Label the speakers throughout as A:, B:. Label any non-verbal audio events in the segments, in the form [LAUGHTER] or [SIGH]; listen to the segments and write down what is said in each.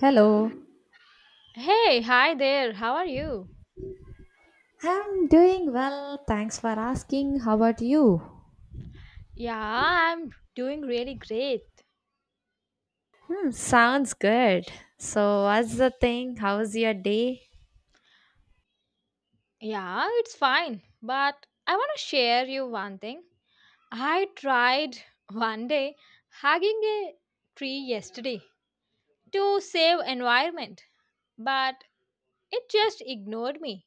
A: Hello,
B: Hey, hi there. How are you?
A: I'm doing well. Thanks for asking. How about you?
B: Yeah, I'm doing really great.
A: Hmm, sounds good. So, what's the thing? How's your day?
B: Yeah, it's fine. But I want to share you one thing. I tried [LAUGHS] one day hugging a tree yesterday to save environment, but it just ignored me.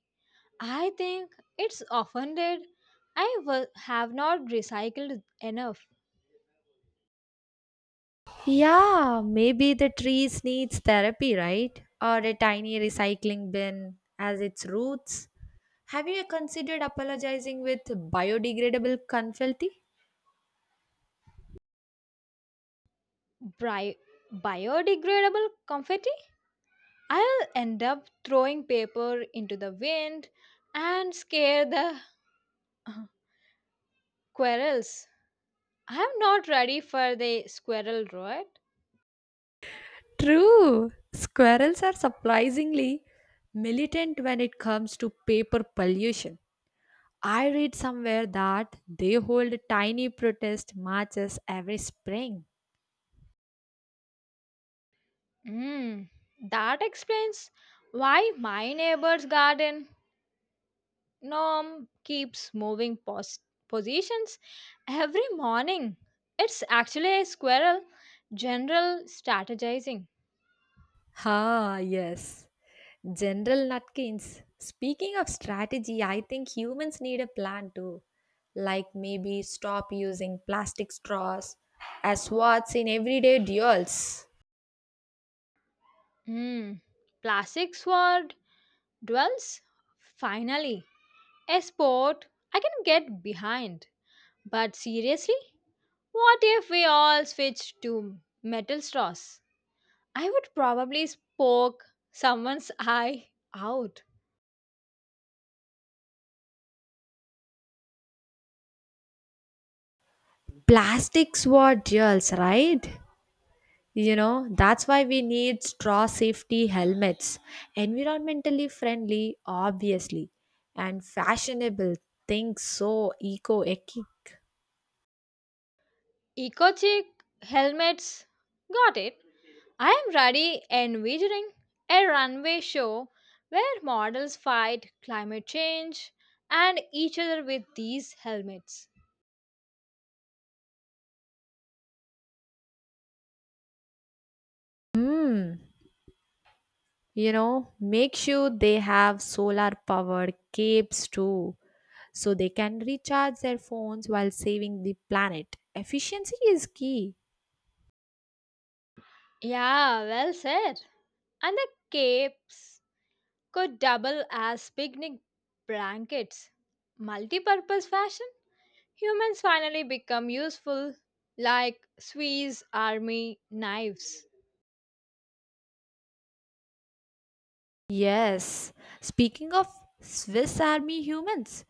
B: I think it's offended. I have not recycled enough
A: Yeah, maybe the trees needs therapy, right? Or a tiny recycling bin as its roots. Have you considered apologizing with biodegradable confetti?
B: bri- biodegradable confetti. I'll end up throwing paper into the wind and scare the [LAUGHS] squirrels. I'm not ready for the squirrel rot.
A: True. Squirrels are surprisingly militant when it comes to paper pollution. I read somewhere that they hold tiny protest marches every spring.
B: Mm, that explains why my neighbor's garden gnome keeps moving positions every morning. It's actually a squirrel general strategizing.
A: Ah, yes. General Nutkins. Speaking of strategy, I think humans need a plan too. Like maybe stop using plastic straws as swords in everyday duels.
B: Mm, plastic sword dwells finally. A sport I can get behind. But seriously, what if we all switched to metal straws? I would probably poke someone's eye out.
A: Plastic sword duels, right? That's why we need straw safety helmets, environmentally friendly, obviously, and fashionable things so eco-echic.
B: Eco chic helmets. Got it. I am ready envisioning a runway show where models fight climate change and each other with these helmets.
A: Hmm, make sure they have solar powered capes too, so they can recharge their phones while saving the planet. Efficiency is key.
B: Yeah, well said. And the capes could double as picnic blankets. Multi-purpose fashion? Humans finally become useful like Swiss army knives.
A: Yes. Speaking of Swiss Army humans,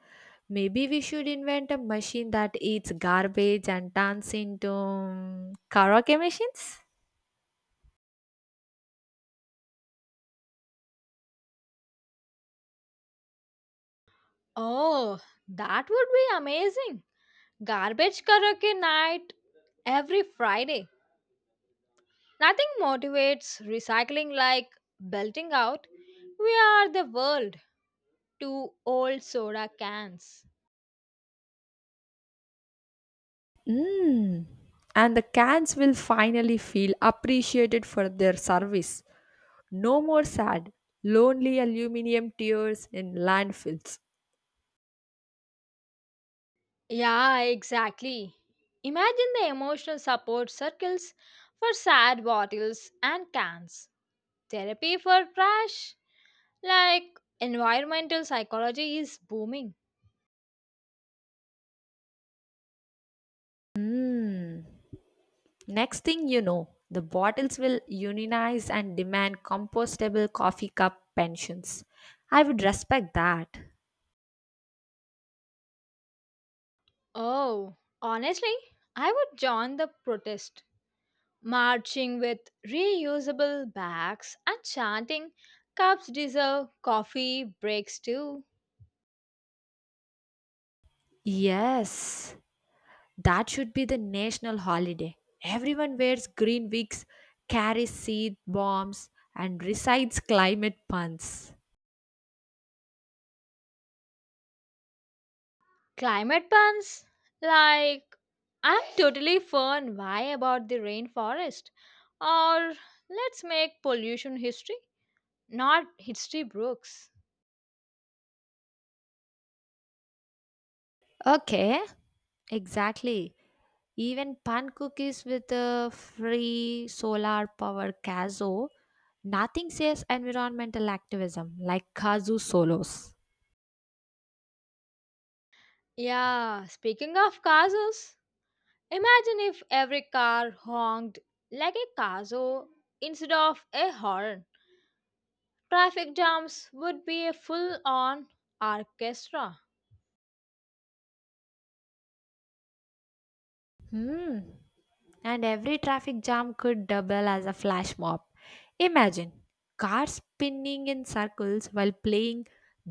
A: maybe we should invent a machine that eats garbage and turns into karaoke machines?
B: Oh, that would be amazing. Garbage karaoke night every Friday. Nothing motivates recycling like belting out. We are the world. Two old soda cans.
A: Mm. And the cans will finally feel appreciated for their service. No more sad, lonely aluminium tears in landfills.
B: Yeah, exactly. Imagine the emotional support circles for sad bottles and cans. Therapy for trash, like environmental psychology, is booming.
A: Mm. Next thing you know, the bottles will unionize and demand compostable coffee cup pensions. I would respect that.
B: Oh, honestly, I would join the protest, marching with reusable bags and chanting, Cups deserve coffee breaks too.
A: Yes, that should be the national holiday. Everyone wears green wigs, carries seed bombs, and recites climate puns.
B: Climate puns? Like, I'm totally fun. Why about the rainforest? Or let's make pollution history, not history books.
A: Okay, exactly. Even pan cookies with a free solar power cazo. Nothing says environmental activism like kazoo solos.
B: Yeah, speaking of cazos, imagine if every car honked like a cazo instead of a horn. Traffic jams would be a full on orchestra.
A: Hmm. And every traffic jam could double as a flash mob. Imagine cars spinning in circles while playing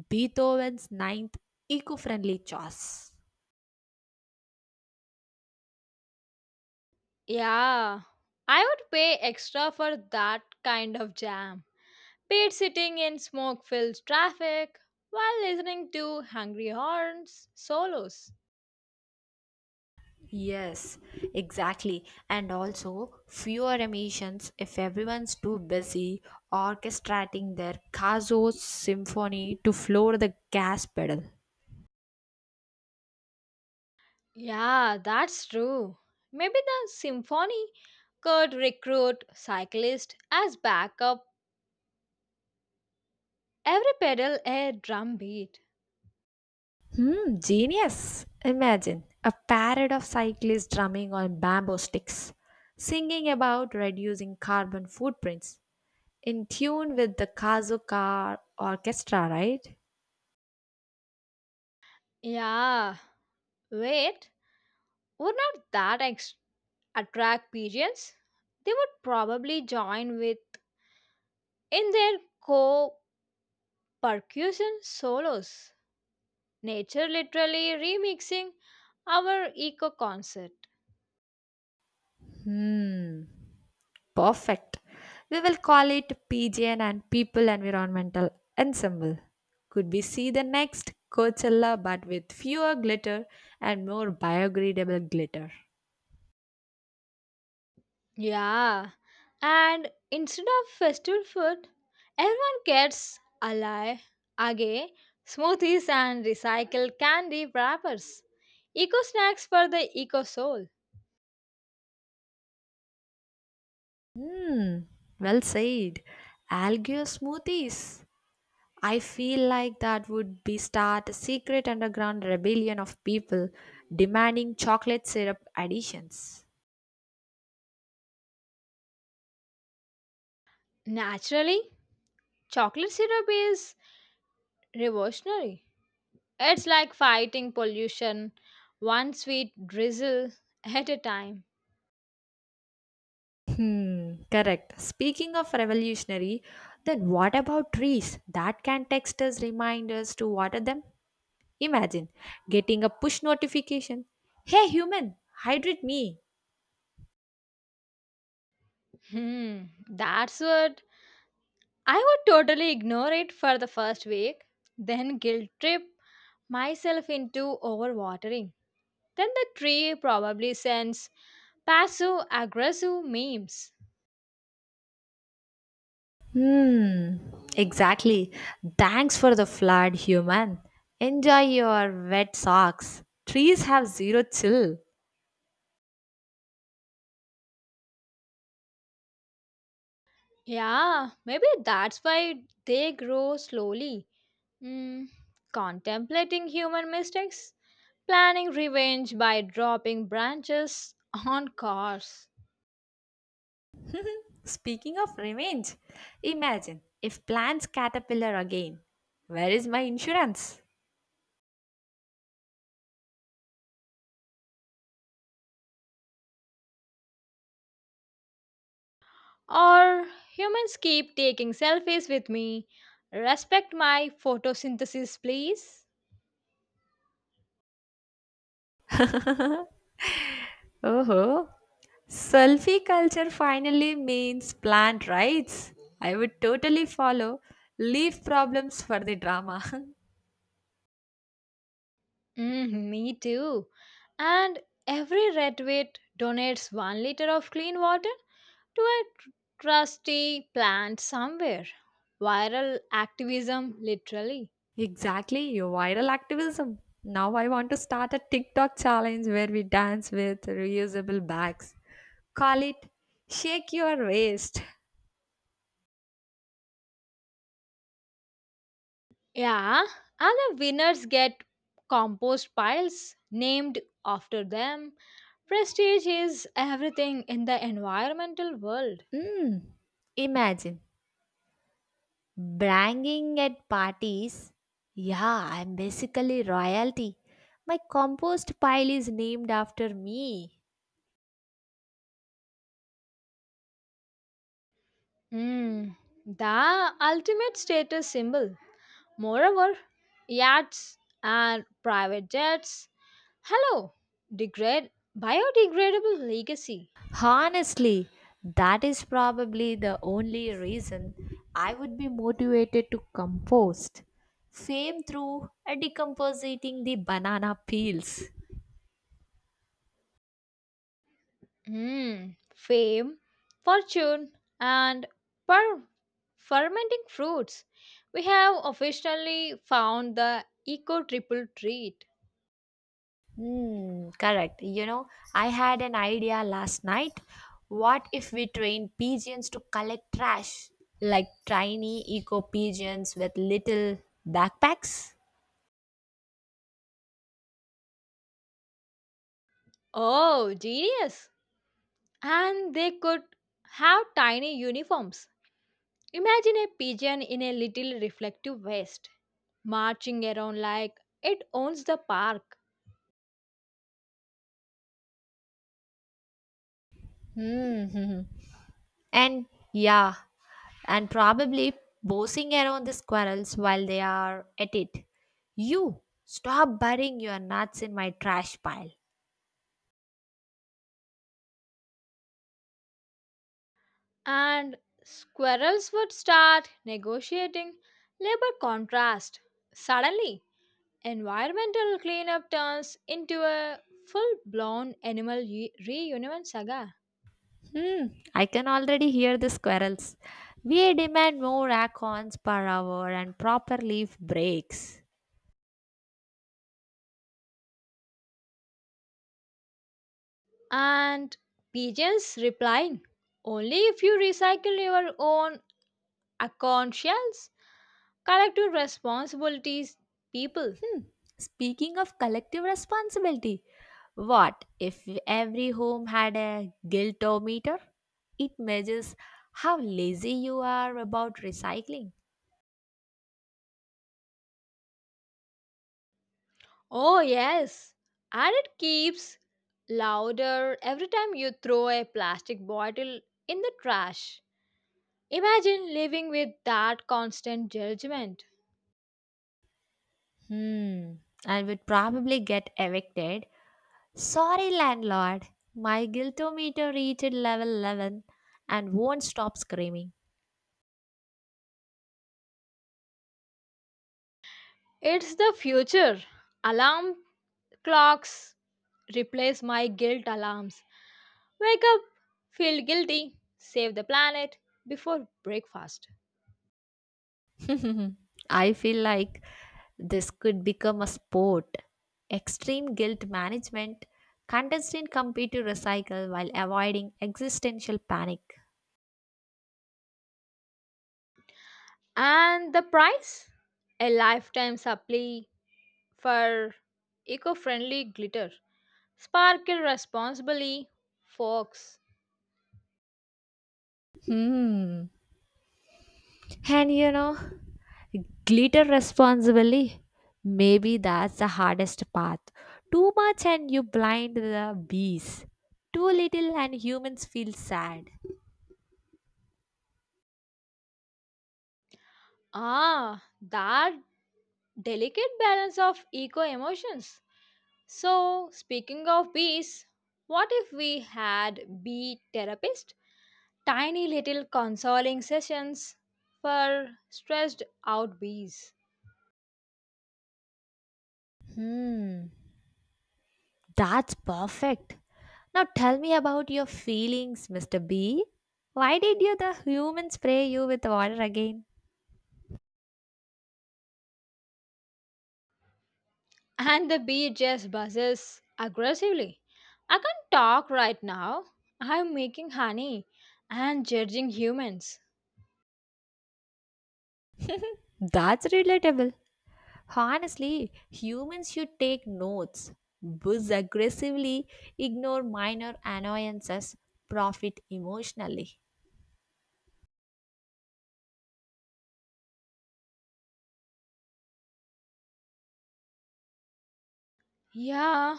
A: Beethoven's ninth eco friendly choice.
B: Yeah, I would pay extra for that kind of jam. Paid sitting in smoke filled traffic while listening to Hungry Horns solos.
A: Yes, exactly. And also fewer emissions if everyone's too busy orchestrating their Caso symphony to floor the gas pedal.
B: Yeah, that's true. Maybe the symphony could recruit cyclists as backup, every pedal a drum beat.
A: Hmm, genius! Imagine a parade of cyclists drumming on bamboo sticks, singing about reducing carbon footprints in tune with the Kazuka Orchestra, right?
B: Yeah, wait, would not that attract pigeons? They would probably join with in their co percussion solos. Nature literally remixing our eco concept.
A: Hmm, perfect. We will call it PGN and People Environmental Ensemble. Could we see the next Coachella but with fewer glitter and more biodegradable glitter?
B: Yeah, and instead of festival food, everyone gets alai, agay, smoothies, and recycled candy wrappers. Eco snacks for the eco soul.
A: Hmm, well said. Algae or smoothies? I feel like that would be start a secret underground rebellion of people demanding chocolate syrup additions.
B: Naturally, chocolate syrup is revolutionary. It's like fighting pollution, one sweet drizzle at a time.
A: Hmm, correct. Speaking of revolutionary, then what about trees that can text us reminders to water them? Imagine getting a push notification. Hey human, hydrate me.
B: Hmm, that's what I would totally ignore it for the first week, then guilt trip myself into overwatering. Then the tree probably sends passive aggressive memes.
A: Hmm, exactly. Thanks for the flood, human. Enjoy your wet socks. Trees have zero chill.
B: Yeah, maybe that's why they grow slowly. Hmm, contemplating human mistakes, planning revenge by dropping branches on cars.
A: Speaking of revenge, imagine if plants caterpillar again. Where is my insurance?
B: Or humans keep taking selfies with me. Respect my photosynthesis, please.
A: Oh, selfie culture finally means plant rights. I would totally follow. Leave problems for the drama.
B: Mm, me too. And every redwit donates 1 liter of clean water to a trusty plant somewhere. Viral activism, literally.
A: [LAUGHS] Exactly, your viral activism. Now I want to start a TikTok challenge where we dance with reusable bags. Call it Shake Your Waist.
B: Yeah, and the winners get compost piles named after them. Prestige is everything in the environmental world.
A: Mm, imagine. Branging at parties? Yeah, I'm basically royalty. My compost pile is named after me.
B: Mm, the ultimate status symbol. Moreover, yachts and private jets Hello, degrade biodegradable legacy.
A: Honestly, that is probably the only reason I would be motivated to compost. Fame through decomposing the banana peels.
B: Hmm, fame, fortune, and per fermenting fruits. We have officially found the eco triple treat.
A: Hmm, correct. I had an idea last night. What if we train pigeons to collect trash, like tiny eco pigeons with little backpacks?
B: Oh, genius! And they could have tiny uniforms. Imagine a pigeon in a little reflective vest marching around like it owns the park.
A: Hmm. [LAUGHS] And yeah, and probably bossing around the squirrels while they are at it. You stop burying your nuts in my trash pile.
B: And squirrels would start negotiating labor contrast. Suddenly, environmental cleanup turns into a full blown animal reunion saga.
A: Hmm, I can already hear the squirrels. We demand more acorns per hour and proper leaf breaks.
B: And pigeons replying, Only if you recycle your own acorn shells, collective responsibilities, people.
A: Hmm, speaking of collective responsibility, what if every home had a guiltometer? It measures how lazy you are about recycling.
B: Oh, yes, and it keeps louder every time you throw a plastic bottle in the trash. Imagine living with that constant judgment.
A: Hmm, I would probably get evicted. Sorry, landlord, my guiltometer reached level 11 and won't stop screaming.
B: It's the future. Alarm clocks replace my guilt alarms. Wake up, feel guilty, save the planet before breakfast.
A: [LAUGHS] I feel like this could become a sport. Extreme guilt management, contestant compete to recycle while avoiding existential panic.
B: And the price? A lifetime supply for eco friendly glitter. Sparkle responsibly, folks.
A: Hmm. And glitter responsibly. Maybe that's the hardest path. Too much and you blind the bees. Too little and humans feel sad.
B: Ah, that delicate balance of eco emotions. So, speaking of bees, what if we had bee therapists? Tiny little consoling sessions for stressed out bees.
A: Hmm. That's perfect. Now tell me about your feelings, Mr. B. Why did you the human spray you with water again?
B: And the bee just buzzes aggressively. I can't talk right now. I'm making honey and judging humans.
A: That's relatable. Honestly, humans should take notes, buzz aggressively, ignore minor annoyances, profit emotionally.
B: Yeah,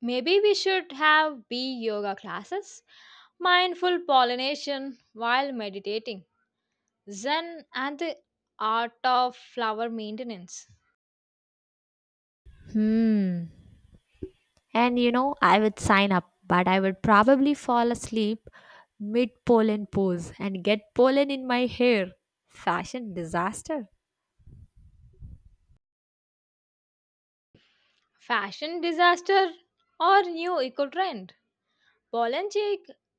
B: maybe we should have bee yoga classes, mindful pollination while meditating. Zen and the art of flower maintenance.
A: Hmm. And I would sign up, but I would probably fall asleep mid pollen pose and get pollen in my hair. Fashion disaster.
B: Fashion disaster or new eco trend. Pollen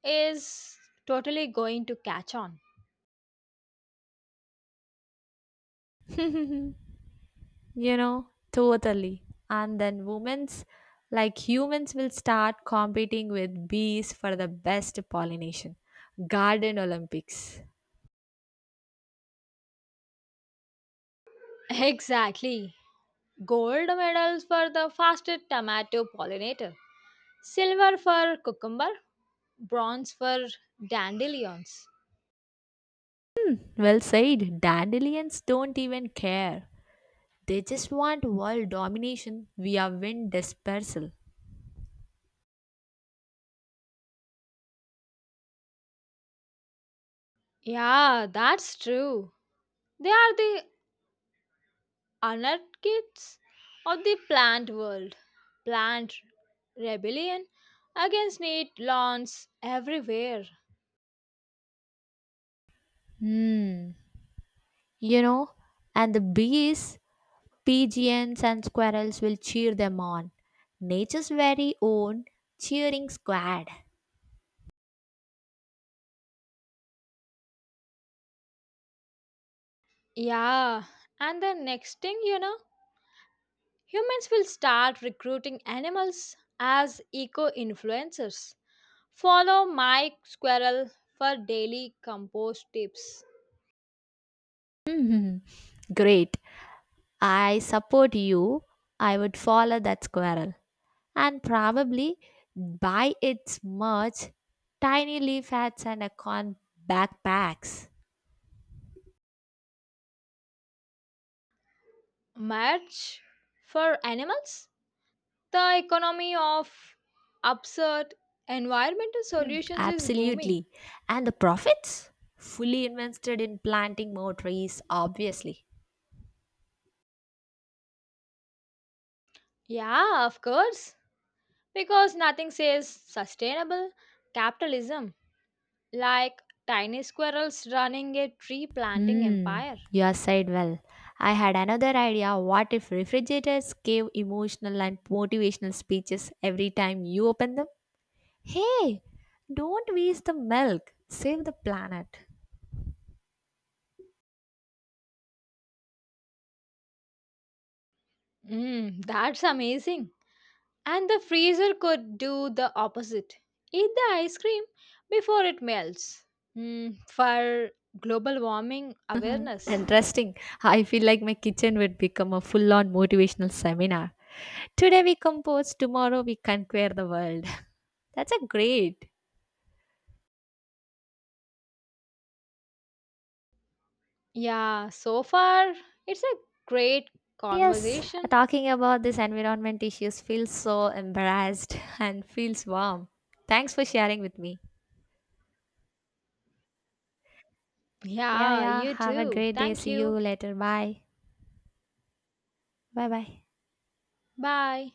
B: is totally going to catch on.
A: [LAUGHS] Totally. And then women's, like humans, will start competing with bees for the best pollination. Garden Olympics.
B: [LAUGHS] Exactly. Gold medals for the fastest tomato pollinator, silver for cucumber, bronze for dandelions.
A: Well said. Dandelions don't even care. They just want world domination via wind dispersal.
B: Yeah, that's true. They are the anarchists of the plant world, plant rebellion against neat lawns everywhere.
A: Hmm. You know, and the bees, pigeons, and squirrels will cheer them on. Nature's very own cheering squad.
B: Yeah, and the next thing you know, humans will start recruiting animals as eco influencers. Follow Mike Squirrel for daily compost tips.
A: [LAUGHS] Great. I support you, I would follow that squirrel and probably buy its merch, tiny leaf hats, and a corn backpacks.
B: Merch for animals? The economy of absurd environmental solutions is booming.
A: Absolutely. And the profits? Fully invested in planting more trees, obviously.
B: Yeah, of course. Because nothing says sustainable capitalism like tiny squirrels running a tree planting
A: Hmm,
B: empire.
A: you have said well. I had another idea. What if refrigerators gave emotional and motivational speeches every time you open them? Hey, don't waste the milk, save the planet.
B: Mm, that's amazing. And the freezer could do the opposite eat the ice cream before it melts. Mm, for global warming
A: Mhm.
B: awareness.
A: Interesting. I feel like my kitchen would become a full on motivational seminar. Today we compose, tomorrow we conquer the world. [LAUGHS] That's a great.
B: Yeah, so far it's a great
A: Yes,
B: conversation.
A: talking about these environment issues feels so embarrassed [LAUGHS] and feels warm. Thanks for sharing with me. Yeah,
B: Yeah,
A: yeah.
B: you
A: Have a
B: too.
A: great day.
B: Thank
A: See you
B: you.
A: later. Bye. Bye bye.
B: Bye.